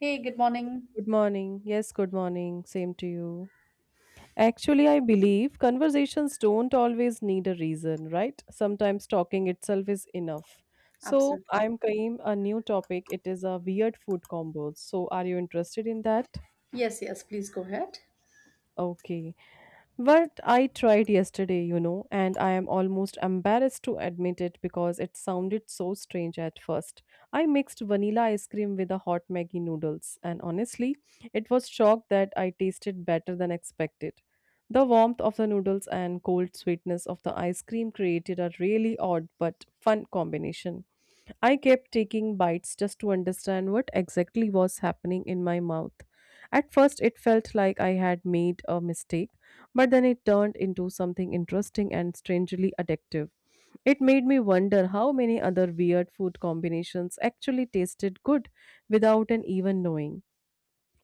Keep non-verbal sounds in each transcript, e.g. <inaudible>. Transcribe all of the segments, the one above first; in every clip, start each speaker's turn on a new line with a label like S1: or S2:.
S1: Hey, good morning.
S2: Good morning. Yes, good morning. Same to you. Actually, I believe conversations don't always need a reason, right? Sometimes talking itself is enough. So,
S1: Absolutely.
S2: I'm Kaim, a new topic. It is a weird food combos. So, are you interested in that?
S1: Yes, yes, please go ahead.
S2: Okay. But I tried yesterday, and I am almost embarrassed to admit it because it sounded so strange at first. I mixed vanilla ice cream with the hot Maggie noodles, and honestly, it was shocked that I tasted better than expected. The warmth of the noodles and cold sweetness of the ice cream created a really odd but fun combination. I kept taking bites just to understand what exactly was happening in my mouth. At first, it felt like I had made a mistake, but then it turned into something interesting and strangely addictive. It made me wonder how many other weird food combinations actually tasted good without an even knowing.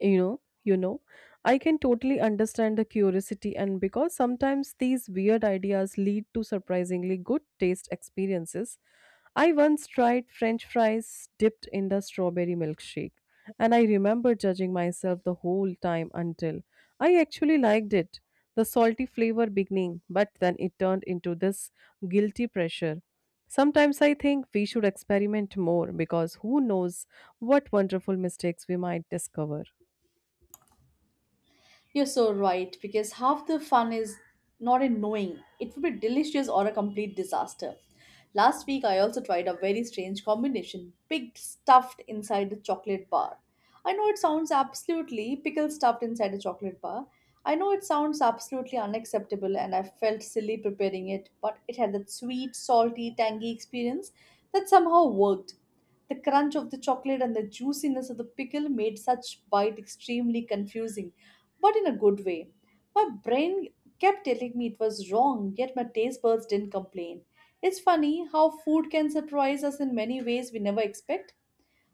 S2: You know, you know, I can totally understand the curiosity, and because sometimes these weird ideas lead to surprisingly good taste experiences, I once tried french fries dipped in the strawberry milkshake, and I remember judging myself the whole time until I actually liked it. The salty flavor beginning, but then it turned into this guilty pressure. Sometimes I think we should experiment more because who knows what wonderful mistakes we might discover.
S1: You're so right, because half the fun is not in knowing. It would be delicious or a complete disaster. Last week, I also tried a very strange combination pig stuffed inside a chocolate bar. I know it sounds absolutely pickle stuffed inside a chocolate bar. I know it sounds absolutely unacceptable, and I felt silly preparing it, but it had that sweet, salty, tangy experience that somehow worked. The crunch of the chocolate and the juiciness of the pickle made such bite extremely confusing, but in a good way. My brain kept telling me it was wrong, yet my taste buds didn't complain. It's funny how food can surprise us in many ways we never expect.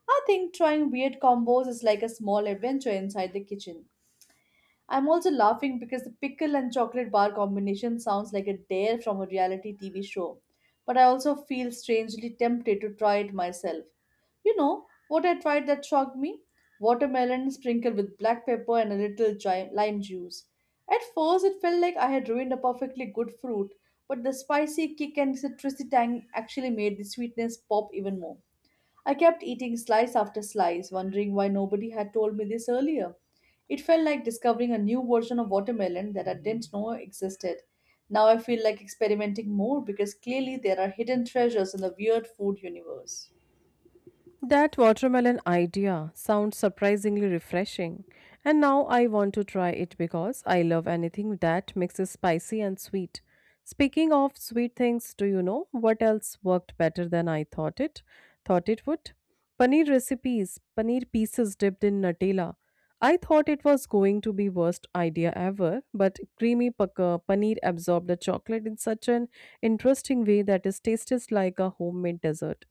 S1: I think trying weird combos is like a small adventure inside the kitchen. I'm also laughing because the pickle and chocolate bar combination sounds like a dare from a reality TV show, but I also feel strangely tempted to try it myself. You know what I tried that shocked me? Watermelon sprinkled with black pepper and a little lime juice. At first, it felt like I had ruined a perfectly good fruit, but the spicy kick and citrusy tang actually made the sweetness pop even more. I kept eating slice after slice, wondering why nobody had told me this earlier. It felt like discovering a new version of watermelon that I didn't know existed. Now I feel like experimenting more because clearly there are hidden treasures in the weird food universe.
S2: That watermelon idea sounds surprisingly refreshing, and now I want to try it because I love anything that mixes spicy and sweet. Speaking of sweet things, do you know what else worked better than I thought it would? Paneer recipes, paneer pieces dipped in Nutella. I thought it was going to be worst idea ever, but creamy pakka paneer absorbed the chocolate in such an interesting way that it tasted like a homemade dessert.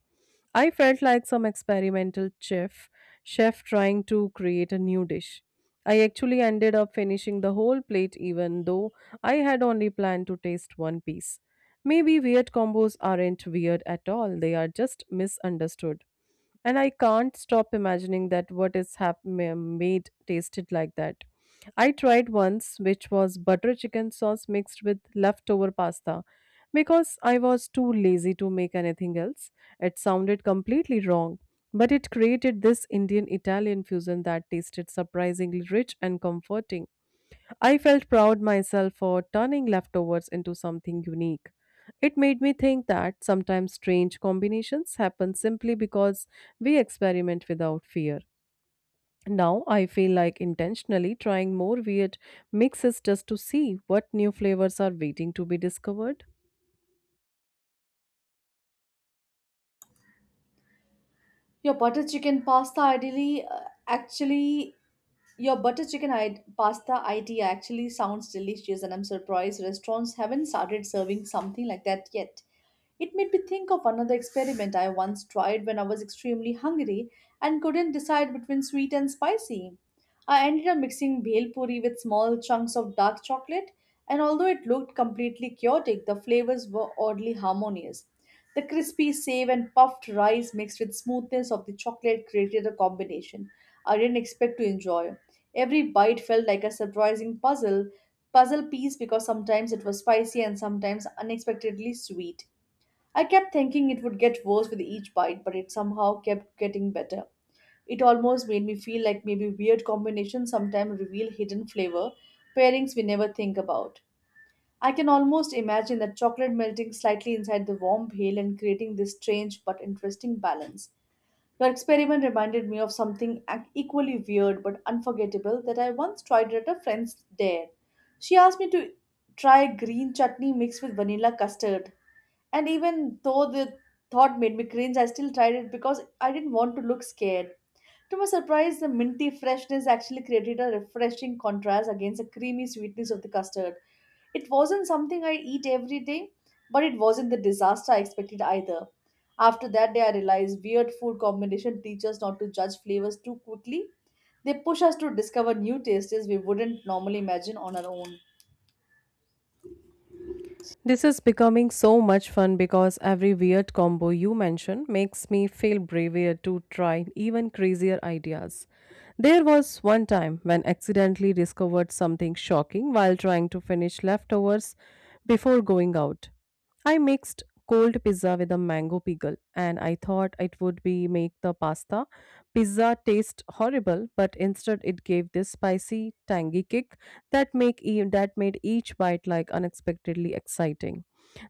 S2: I felt like some experimental chef trying to create a new dish. I actually ended up finishing the whole plate even though I had only planned to taste one piece. Maybe weird combos aren't weird at all, they are just misunderstood, and I can't stop imagining that what is made tasted like that. I tried once, which was butter chicken sauce mixed with leftover pasta, because I was too lazy to make anything else. It sounded completely wrong, but it created this Indian Italian fusion that tasted surprisingly rich and comforting. I felt proud myself for turning leftovers into something unique. It made me think that sometimes strange combinations happen simply because we experiment without fear. Now I feel like intentionally trying more weird mixes just to see what new flavors are waiting to be discovered.
S1: Your butter chicken pasta ideally uh, actually Your butter chicken pasta idea actually sounds delicious, and I'm surprised restaurants haven't started serving something like that yet. It made me think of another experiment I once tried when I was extremely hungry and couldn't decide between sweet and spicy. I ended up mixing bhel puri with small chunks of dark chocolate, and although it looked completely chaotic, the flavors were oddly harmonious. The crispy save and puffed rice mixed with smoothness of the chocolate created a combination I didn't expect to enjoy. Every bite felt like a surprising puzzle piece because sometimes it was spicy and sometimes unexpectedly sweet. I kept thinking it would get worse with each bite, but it somehow kept getting better. It almost made me feel like maybe weird combinations sometimes reveal hidden flavor pairings we never think about. I can almost imagine that chocolate melting slightly inside the warm veil and creating this strange but interesting balance. Your experiment reminded me of something equally weird but unforgettable that I once tried at a friend's dare. She asked me to try green chutney mixed with vanilla custard, and even though the thought made me cringe, I still tried it because I didn't want to look scared. To my surprise, the minty freshness actually created a refreshing contrast against the creamy sweetness of the custard. It wasn't something I eat every day, but it wasn't the disaster I expected either. After that day, I realized weird food combination teach us not to judge flavors too quickly. They push us to discover new tastes we wouldn't normally imagine on our own.
S2: This is becoming so much fun because every weird combo you mention makes me feel braver to try even crazier ideas. There was one time when accidentally discovered something shocking while trying to finish leftovers before going out. I mixed cold pizza with a mango pickle, and I thought it would be make the pasta pizza taste horrible, but instead it gave this spicy tangy kick that that made each bite like unexpectedly exciting.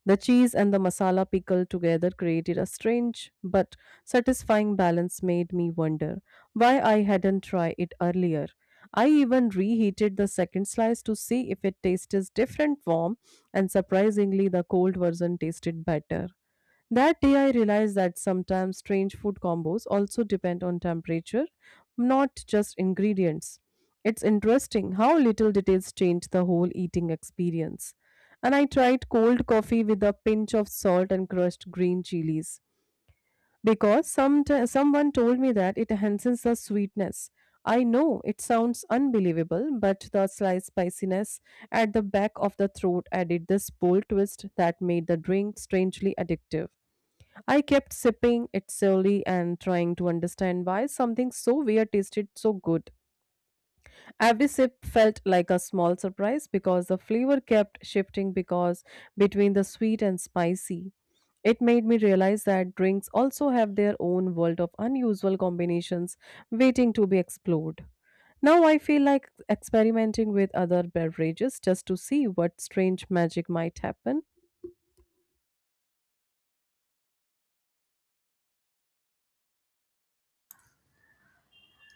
S2: The cheese and the masala pickle together created a strange but satisfying balance made me wonder why I hadn't tried it earlier. I even reheated the second slice to see if it tasted different warm, and surprisingly, the cold version tasted better. That day, I realized that sometimes strange food combos also depend on temperature, not just ingredients. It's interesting how little details change the whole eating experience. And I tried cold coffee with a pinch of salt and crushed green chilies because someone told me that it enhances the sweetness. I know it sounds unbelievable, but the slight spiciness at the back of the throat added this bold twist that made the drink strangely addictive. I kept sipping it slowly and trying to understand why something so weird tasted so good. Every sip felt like a small surprise because the flavor kept shifting because between the sweet and spicy. It made me realize that drinks also have their own world of unusual combinations waiting to be explored. Now I feel like experimenting with other beverages just to see what strange magic might happen.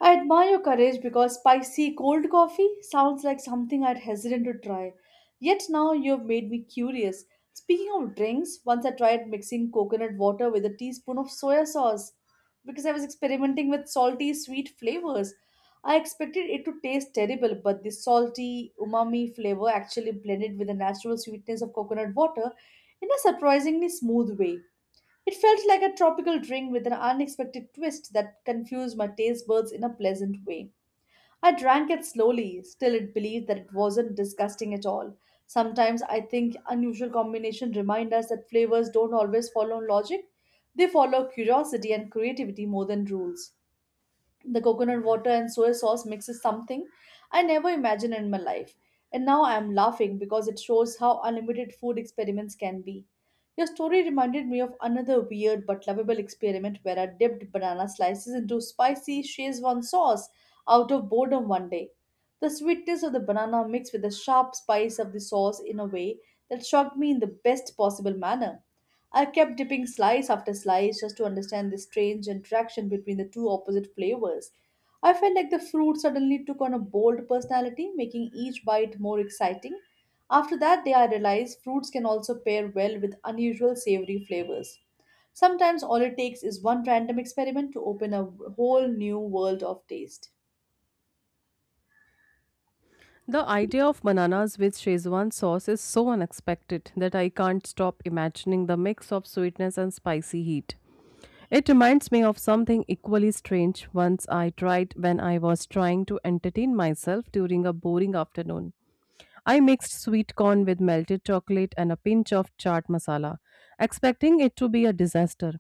S1: I admire your courage because spicy cold coffee sounds like something I'd hesitant to try. Yet now you've made me curious. Speaking of drinks, once I tried mixing coconut water with a teaspoon of soya sauce because I was experimenting with salty, sweet flavors. I expected it to taste terrible, but the salty, umami flavor actually blended with the natural sweetness of coconut water in a surprisingly smooth way. It felt like a tropical drink with an unexpected twist that confused my taste buds in a pleasant way. I drank it slowly, still it believed that it wasn't disgusting at all. Sometimes I think unusual combinations remind us that flavors don't always follow logic. They follow curiosity and creativity more than rules. The coconut water and soy sauce mix is something I never imagined in my life. And now I am laughing because it shows how unlimited food experiments can be. Your story reminded me of another weird but lovable experiment where I dipped banana slices into spicy Szechuan sauce out of boredom one day. The sweetness of the banana mixed with the sharp spice of the sauce in a way that shocked me in the best possible manner. I kept dipping slice after slice just to understand the strange interaction between the two opposite flavors. I felt like the fruit suddenly took on a bold personality, making each bite more exciting. After that day, I realized fruits can also pair well with unusual savory flavors. Sometimes all it takes is one random experiment to open a whole new world of taste.
S2: The idea of bananas with Szechuan sauce is so unexpected that I can't stop imagining the mix of sweetness and spicy heat. It reminds me of something equally strange once I tried when I was trying to entertain myself during a boring afternoon. I mixed sweet corn with melted chocolate and a pinch of chaat masala, expecting it to be a disaster.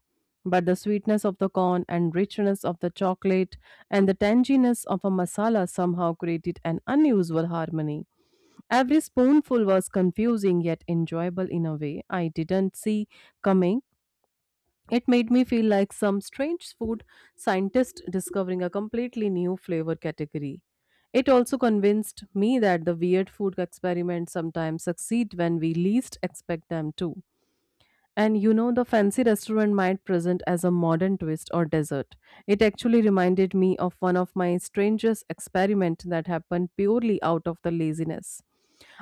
S2: But the sweetness of the corn and richness of the chocolate and the tanginess of a masala somehow created an unusual harmony. Every spoonful was confusing yet enjoyable in a way I didn't see coming. It made me feel like some strange food scientist discovering a completely new flavor category. It also convinced me that the weird food experiments sometimes succeed when we least expect them to. And you know, the fancy restaurant might present as a modern twist or dessert. It actually reminded me of one of my strangest experiments that happened purely out of the laziness.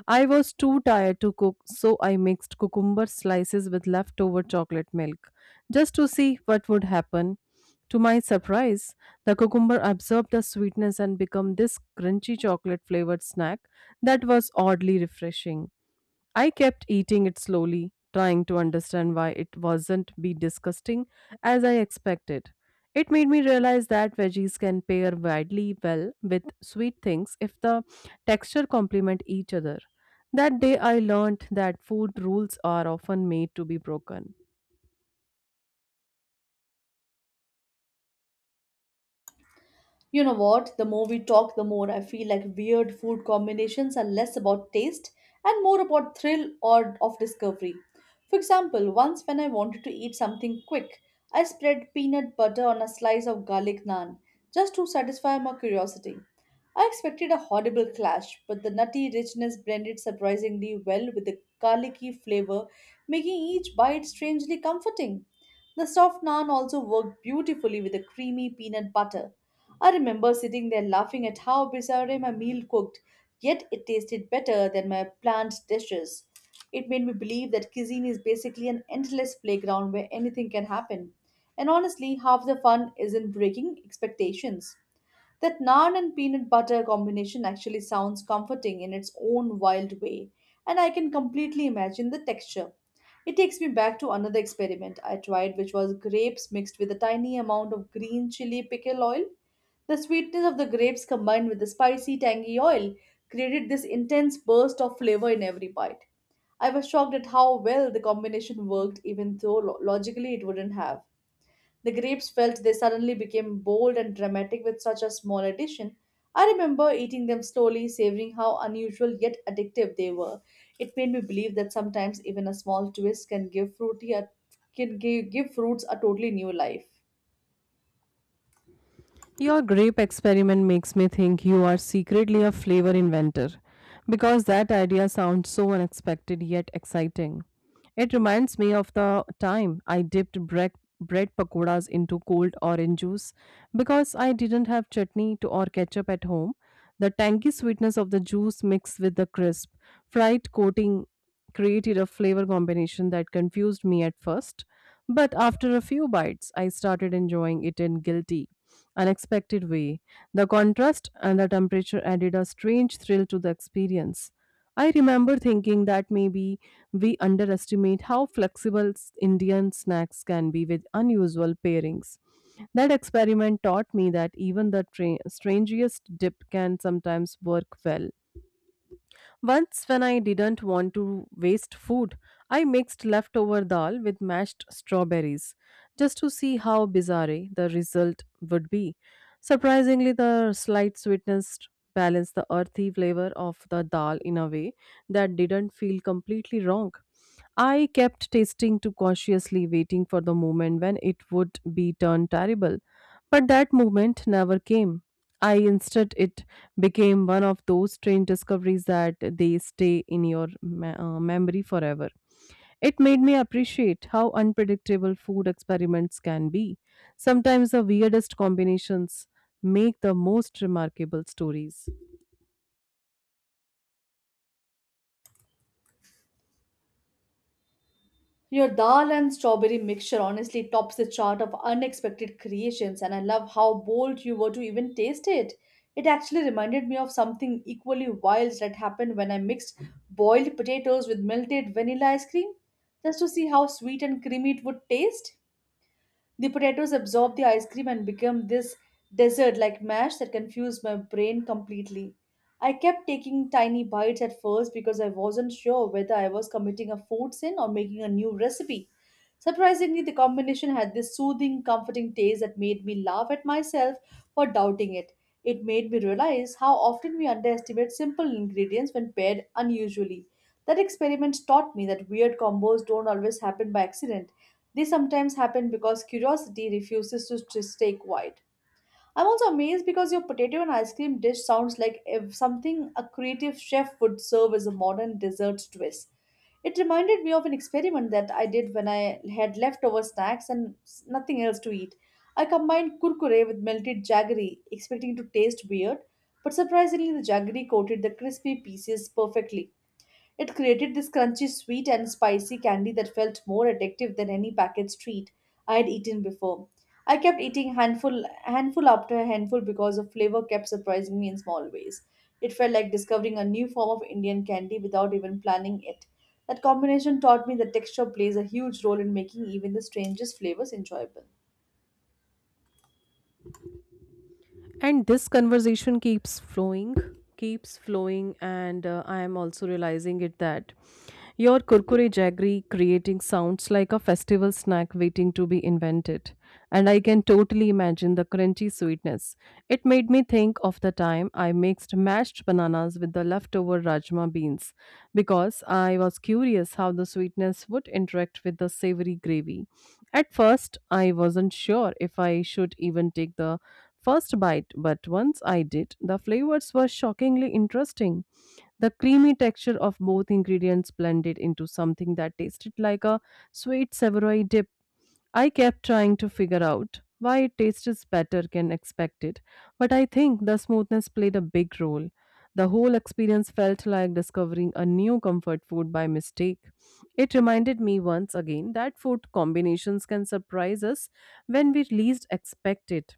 S2: I was too tired to cook, so I mixed cucumber slices with leftover chocolate milk just to see what would happen. To my surprise, the cucumber absorbed the sweetness and became this crunchy chocolate flavored snack that was oddly refreshing. I kept eating it slowly, trying to understand why it wasn't be disgusting as I expected. It made me realize that veggies can pair widely well with sweet things if the texture complement each other. That day I learned that food rules are often made to be broken.
S1: You know what? The more we talk, the more I feel like weird food combinations are less about taste and more about thrill or of discovery. For example, once when I wanted to eat something quick, I spread peanut butter on a slice of garlic naan just to satisfy my curiosity. I expected a horrible clash, but the nutty richness blended surprisingly well with the garlicky flavor, making each bite strangely comforting. The soft naan also worked beautifully with the creamy peanut butter. I remember sitting there laughing at how bizarre my meal cooked, yet it tasted better than my planned dishes. It made me believe that cuisine is basically an endless playground where anything can happen. And honestly, half the fun is in breaking expectations. That naan and peanut butter combination actually sounds comforting in its own wild way, and I can completely imagine the texture. It takes me back to another experiment I tried, which was grapes mixed with a tiny amount of green chili pickle oil. The sweetness of the grapes combined with the spicy, tangy oil created this intense burst of flavor in every bite. I was shocked at how well the combination worked, even though logically it wouldn't have. The grapes felt they suddenly became bold and dramatic with such a small addition. I remember eating them slowly, savoring how unusual yet addictive they were. It made me believe that sometimes even a small twist can give fruity a, can give, give fruits a totally new life.
S2: Your grape experiment makes me think you are secretly a flavor inventor because that idea sounds so unexpected yet exciting. It reminds me of the time I dipped bread pakoras into cold orange juice because I didn't have chutney to or ketchup at home. The tangy sweetness of the juice mixed with the crisp, fried coating created a flavor combination that confused me at first. But after a few bites, I started enjoying it in guilty unexpected way. The contrast and the temperature added a strange thrill to the experience. I remember thinking that maybe we underestimate how flexible Indian snacks can be with unusual pairings. That experiment taught me that even the strangest dip can sometimes work well. Once, when I didn't want to waste food, I mixed leftover dal with mashed strawberries just to see how bizarre the result would be. Surprisingly, the slight sweetness balanced the earthy flavor of the dal in a way that didn't feel completely wrong. I kept tasting too cautiously, waiting for the moment when it would be turned terrible. But that moment never came. I instead it became one of those strange discoveries that they stay in your memory forever. It made me appreciate how unpredictable food experiments can be. Sometimes the weirdest combinations make the most remarkable stories.
S1: Your dal and strawberry mixture honestly tops the chart of unexpected creations, and I love how bold you were to even taste it. It actually reminded me of something equally wild that happened when I mixed boiled potatoes with melted vanilla ice cream, just to see how sweet and creamy it would taste. The potatoes absorb the ice cream and become this dessert like mash that confused my brain completely. I kept taking tiny bites at first because I wasn't sure whether I was committing a food sin or making a new recipe. Surprisingly, the combination had this soothing, comforting taste that made me laugh at myself for doubting it. It made me realize how often we underestimate simple ingredients when paired unusually. That experiment taught me that weird combos don't always happen by accident. These sometimes happen because curiosity refuses to stay quiet. I'm also amazed because your potato and ice cream dish sounds like if something a creative chef would serve as a modern dessert twist. It reminded me of an experiment that I did when I had leftover snacks and nothing else to eat. I combined kurkure with melted jaggery, expecting to taste weird, but surprisingly, the jaggery coated the crispy pieces perfectly. It created this crunchy, sweet, and spicy candy that felt more addictive than any packaged treat I had eaten before. I kept eating handful after handful because the flavor kept surprising me in small ways. It felt like discovering a new form of Indian candy without even planning it. That combination taught me that texture plays a huge role in making even the strangest flavors enjoyable.
S2: And this conversation keeps flowing, and I am also realizing it that your kurkure jaggery creating sounds like a festival snack waiting to be invented. And I can totally imagine the crunchy sweetness. It made me think of the time I mixed mashed bananas with the leftover rajma beans because I was curious how the sweetness would interact with the savory gravy. At first, I wasn't sure if I should even take the first bite, but once I did, the flavors were shockingly interesting. The creamy texture of both ingredients blended into something that tasted like a sweet savory dip. I kept trying to figure out why it tasted better than expected, but I think the smoothness played a big role. The whole experience felt like discovering a new comfort food by mistake. It reminded me once again that food combinations can surprise us when we least expect it.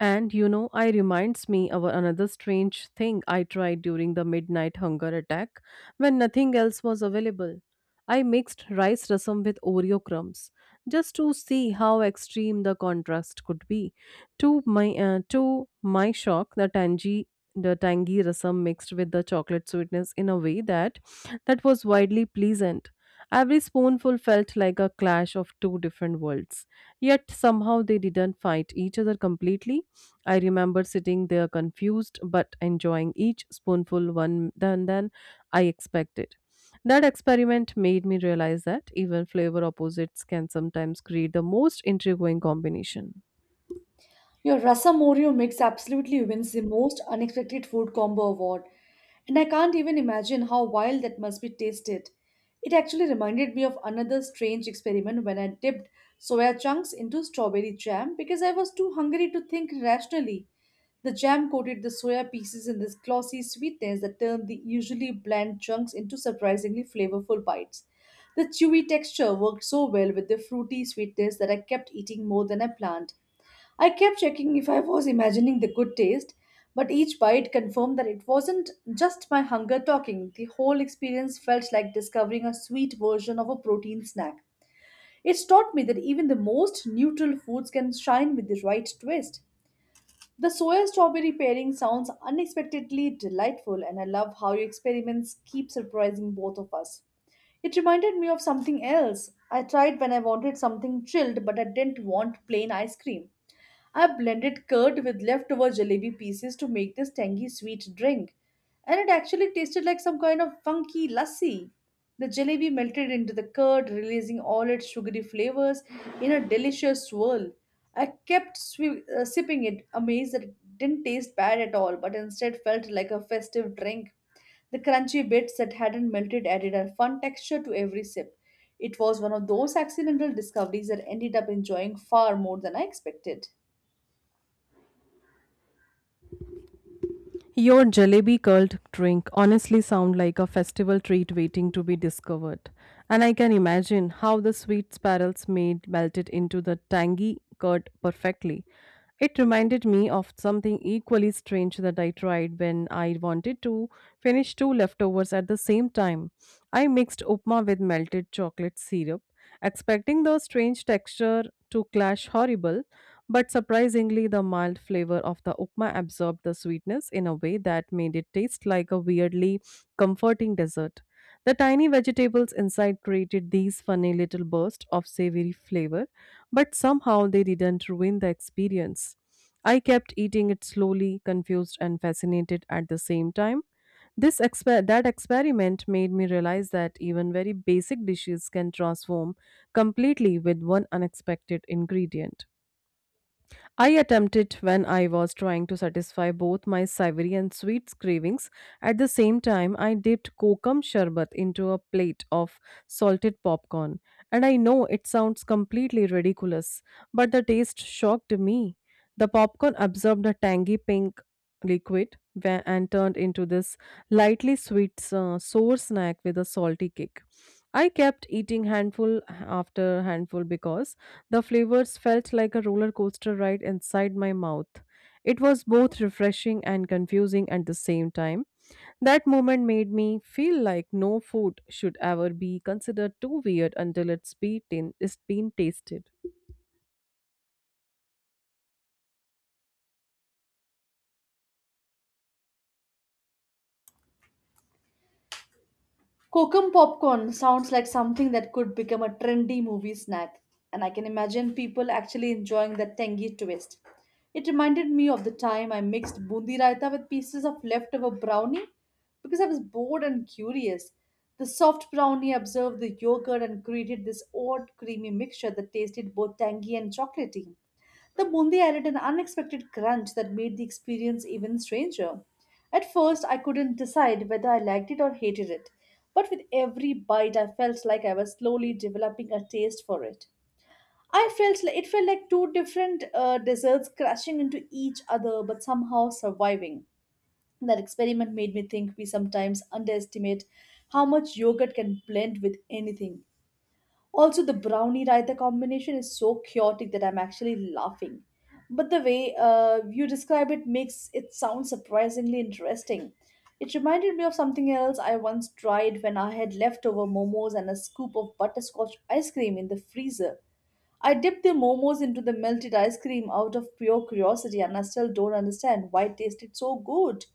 S2: And you know, I reminds me of another strange thing I tried during the midnight hunger attack when nothing else was available. I mixed rice rasam with Oreo crumbs just to see how extreme the contrast could be. To my shock, the tangy rasam mixed with the chocolate sweetness in a way that was widely pleasant. Every spoonful felt like a clash of two different worlds, yet somehow they didn't fight each other completely. I remember sitting there confused but enjoying each spoonful one than I expected. That experiment made me realize that even flavor opposites can sometimes create the most intriguing combination.
S1: Your Rasa Morio mix absolutely wins the most unexpected food combo award, and I can't even imagine how wild that must be tasted. It actually reminded me of another strange experiment when I dipped soya chunks into strawberry jam because I was too hungry to think rationally. The jam coated the soya pieces in this glossy sweetness that turned the usually bland chunks into surprisingly flavorful bites. The chewy texture worked so well with the fruity sweetness that I kept eating more than I planned. I kept checking if I was imagining the good taste, but each bite confirmed that it wasn't just my hunger talking. The whole experience felt like discovering a sweet version of a protein snack. It's taught me that even the most neutral foods can shine with the right twist. The soya strawberry pairing sounds unexpectedly delightful, and I love how your experiments keep surprising both of us. It reminded me of something else I tried when I wanted something chilled, but I didn't want plain ice cream. I blended curd with leftover jalebi pieces to make this tangy sweet drink, and it actually tasted like some kind of funky lassi. The jalebi melted into the curd, releasing all its sugary flavors in a delicious swirl. I kept swi sipping it, amazed that it didn't taste bad at all, but instead felt like a festive drink. The crunchy bits that hadn't melted added a fun texture to every sip. It was one of those accidental discoveries that ended up enjoying far more than I expected.
S2: Your jalebi curled drink honestly sound like a festival treat waiting to be discovered. And I can imagine how the sweet spirals made melted into the tangy curd perfectly. It reminded me of something equally strange that I tried when I wanted to finish two leftovers at the same time. I mixed upma with melted chocolate syrup, expecting the strange texture to clash horrible, but surprisingly, the mild flavor of the upma absorbed the sweetness in a way that made it taste like a weirdly comforting dessert. The tiny vegetables inside created these funny little bursts of savory flavor, but somehow they didn't ruin the experience. I kept eating it slowly, confused and fascinated at the same time. That experiment made me realize that even very basic dishes can transform completely with one unexpected ingredient. I attempted when I was trying to satisfy both my savory and sweet cravings. At the same time, I dipped kokum sherbet into a plate of salted popcorn. And I know it sounds completely ridiculous, but the taste shocked me. The popcorn absorbed a tangy pink liquid and turned into this lightly sweet sour snack with a salty kick. I kept eating handful after handful because the flavors felt like a roller coaster ride inside my mouth. It was both refreshing and confusing at the same time. That moment made me feel like no food should ever be considered too weird until it's been tasted.
S1: Kokum popcorn sounds like something that could become a trendy movie snack, and I can imagine people actually enjoying that tangy twist. It reminded me of the time I mixed bundi raita with pieces of leftover brownie because I was bored and curious. The soft brownie absorbed the yogurt and created this odd creamy mixture that tasted both tangy and chocolatey. The bundi added an unexpected crunch that made the experience even stranger. At first, I couldn't decide whether I liked it or hated it, but with every bite, I felt like I was slowly developing a taste for it. I felt like, it felt like two different desserts crashing into each other, but somehow surviving. That experiment made me think we sometimes underestimate how much yogurt can blend with anything. Also, the brownie raita combination is so chaotic that I'm actually laughing. But the way you describe it makes it sound surprisingly interesting. It reminded me of something else I once tried when I had leftover momos and a scoop of butterscotch ice cream in the freezer. I dipped the momos into the melted ice cream out of pure curiosity, and I still don't understand why it tasted so good.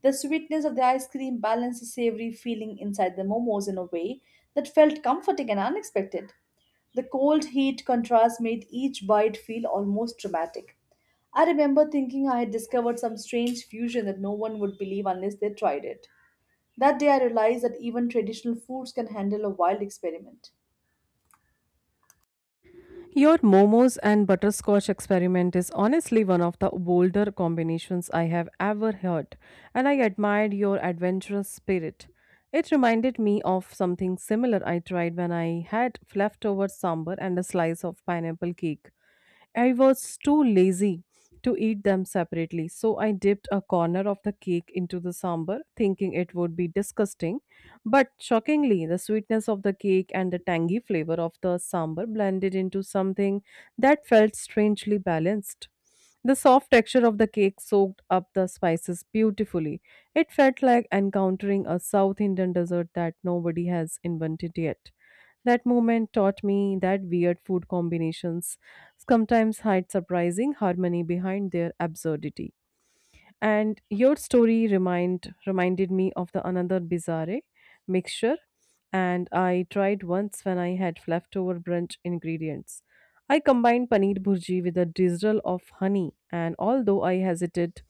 S1: The sweetness of the ice cream balanced the savory feeling inside the momos in a way that felt comforting and unexpected. The cold heat contrast made each bite feel almost dramatic. I remember thinking I had discovered some strange fusion that no one would believe unless they tried it. That day I realized that even traditional foods can handle a wild experiment.
S2: Your momos and butterscotch experiment is honestly one of the bolder combinations I have ever heard, and I admired your adventurous spirit. It reminded me of something similar I tried when I had leftover sambar and a slice of pineapple cake. I was too lazy to eat them separately, so I dipped a corner of the cake into the sambar, thinking it would be disgusting. But shockingly, the sweetness of the cake and the tangy flavor of the sambar blended into something that felt strangely balanced. The soft texture of the cake soaked up the spices beautifully. It felt like encountering a South Indian dessert that nobody has invented yet. That moment taught me that weird food combinations sometimes hide surprising harmony behind their absurdity. And your story reminded me of the another bizarre mixture and I tried once when I had leftover brunch ingredients. I combined paneer bhurji with a drizzle of honey, and although I hesitated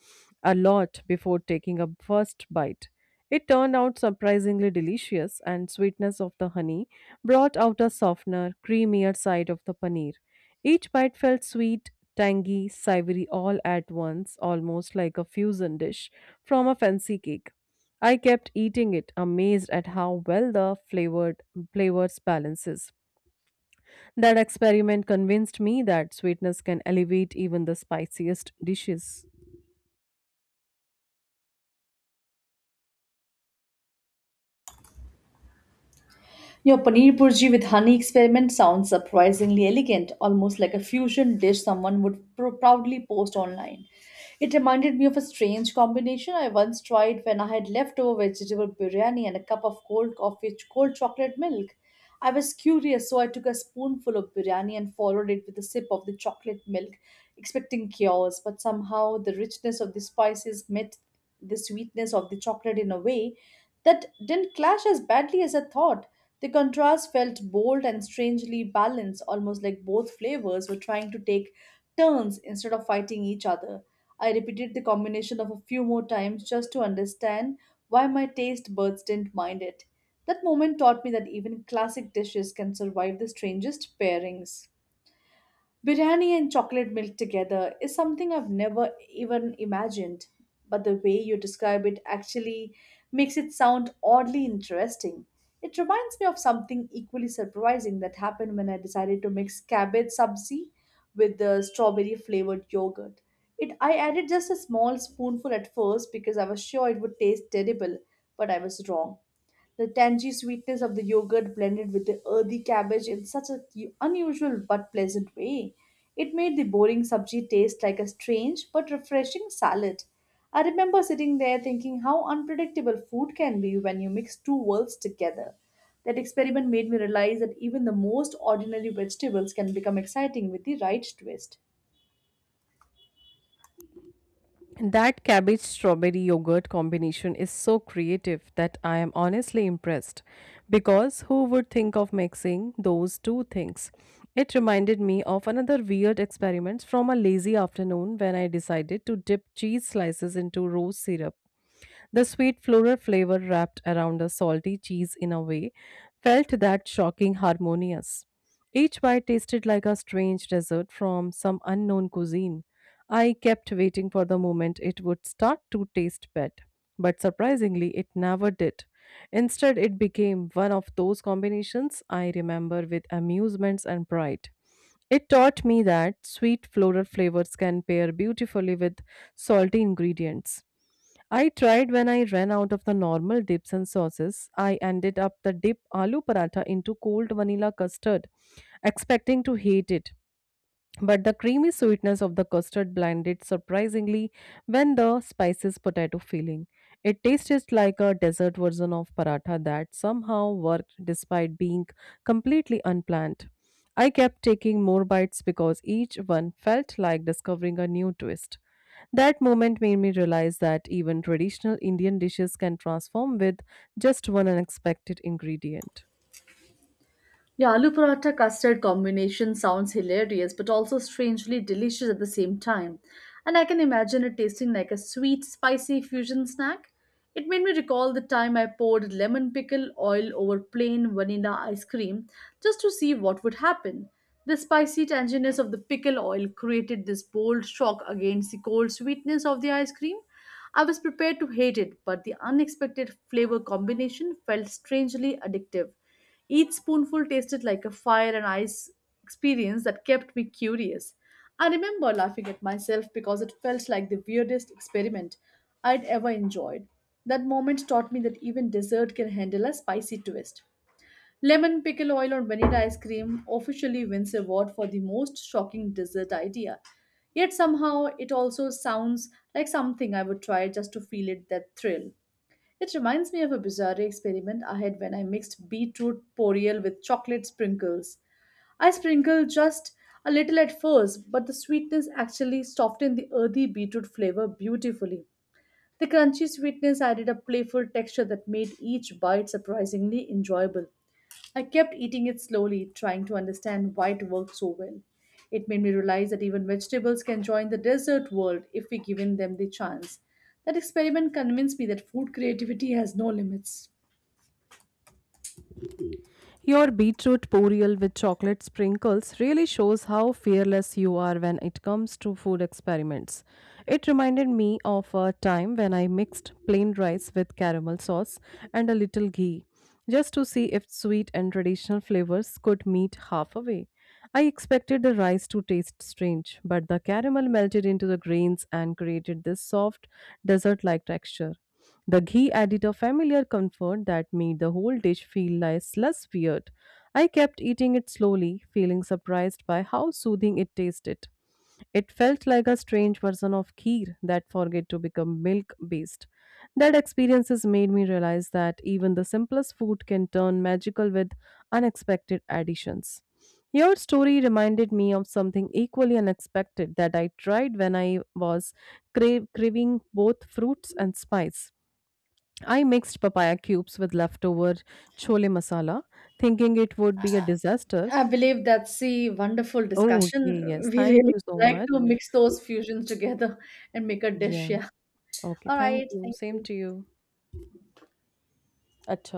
S2: a lot before taking a first bite, it turned out surprisingly delicious, and sweetness of the honey brought out a softener, creamier side of the paneer. Each bite felt sweet, tangy, savory all at once, almost like a fusion dish from a fancy cake. I kept eating it, amazed at how well the flavored flavors balances. That experiment convinced me that sweetness can elevate even the spiciest dishes.
S1: Your paneer burji with honey experiment sounds surprisingly elegant, almost like a fusion dish someone would proudly post online. It reminded me of a strange combination I once tried when I had leftover vegetable biryani and a cup of cold coffee, with cold chocolate milk. I was curious, so I took a spoonful of biryani and followed it with a sip of the chocolate milk, expecting chaos. But somehow, the richness of the spices met the sweetness of the chocolate in a way that didn't clash as badly as I thought. The contrast felt bold and strangely balanced, almost like both flavors were trying to take turns instead of fighting each other. I repeated the combination of a few more times just to understand why my taste buds didn't mind it. That moment taught me that even classic dishes can survive the strangest pairings. Biryani and chocolate milk together is something I've never even imagined, but the way you describe it actually makes it sound oddly interesting. It reminds me of something equally surprising that happened when I decided to mix cabbage sabzi with the strawberry flavored yogurt. It I added just a small spoonful at first because I was sure it would taste terrible, but I was wrong. The tangy sweetness of the yogurt blended with the earthy cabbage in such an unusual but pleasant way. It made the boring sabji taste like a strange but refreshing salad. I remember sitting there thinking how unpredictable food can be when you mix two worlds together. That experiment made me realize that even the most ordinary vegetables can become exciting with the right twist.
S2: That cabbage strawberry yogurt combination is so creative that I am honestly impressed because who would think of mixing those two things? It reminded me of another weird experiment from a lazy afternoon when I decided to dip cheese slices into rose syrup. The sweet floral flavor wrapped around the salty cheese in a way felt that shocking harmonious. Each bite tasted like a strange dessert from some unknown cuisine. I kept waiting for the moment it would start to taste bad, but surprisingly, it never did. Instead, it became one of those combinations I remember with amusements and pride. It taught me that sweet floral flavors can pair beautifully with salty ingredients. I tried when I ran out of the normal dips and sauces. I ended up the dip aloo paratha into cold vanilla custard, expecting to hate it. But the creamy sweetness of the custard blended surprisingly when the spices potato filling. It tasted like a dessert version of paratha that somehow worked despite being completely unplanned. I kept taking more bites because each one felt like discovering a new twist. That moment made me realize that even traditional Indian dishes can transform with just one unexpected ingredient.
S1: Yeah, aloo paratha custard combination sounds hilarious but also strangely delicious at the same time. And I can imagine it tasting like a sweet, spicy fusion snack. It made me recall the time I poured lemon pickle oil over plain vanilla ice cream just to see what would happen. The spicy tanginess of the pickle oil created this bold shock against the cold sweetness of the ice cream, I was prepared to hate it, but the unexpected flavor combination felt strangely addictive. Each spoonful tasted like a fire and ice experience that kept me curious. I remember laughing at myself because it felt like the weirdest experiment I'd ever enjoyed. That moment taught me that even dessert can handle a spicy twist. Lemon pickle oil on vanilla ice cream officially wins award for the most shocking dessert idea. Yet somehow it also sounds like something I would try just to feel it that thrill. It reminds me of a bizarre experiment I had when I mixed beetroot poriel with chocolate sprinkles. I sprinkled just a little at first, but the sweetness actually softened the earthy beetroot flavor beautifully. The crunchy sweetness added a playful texture that made each bite surprisingly enjoyable. I kept eating it slowly, trying to understand why it worked so well. It made me realize that even vegetables can join the dessert world if we given them the chance. That experiment convinced me that food creativity has no limits.
S2: Your beetroot puriel with chocolate sprinkles really shows how fearless you are when it comes to food experiments. It reminded me of a time when I mixed plain rice with caramel sauce and a little ghee just to see if sweet and traditional flavors could meet halfway. I expected the rice to taste strange, but the caramel melted into the grains and created this soft, dessert like texture. The ghee added a familiar comfort that made the whole dish feel less weird. I kept eating it slowly, feeling surprised by how soothing it tasted. It felt like a strange version of kheer that forget to become milk based. That experiences made me realize that even the simplest food can turn magical with unexpected additions. Your story reminded me of something equally unexpected that I tried when I was craving both fruits and spice. I mixed papaya cubes with leftover chole masala, thinking it would be a disaster.
S1: I believe that's a wonderful
S2: Oh,
S1: discussion.
S2: okay, yes.
S1: <laughs> We
S2: Thank
S1: really
S2: you so
S1: like
S2: much.
S1: to mix those fusions together and make a
S2: Yeah.
S1: dish. Yeah.
S2: Okay.
S1: All
S2: Thank
S1: right.
S2: you.
S1: Thank
S2: Same
S1: you.
S2: to you. Acha.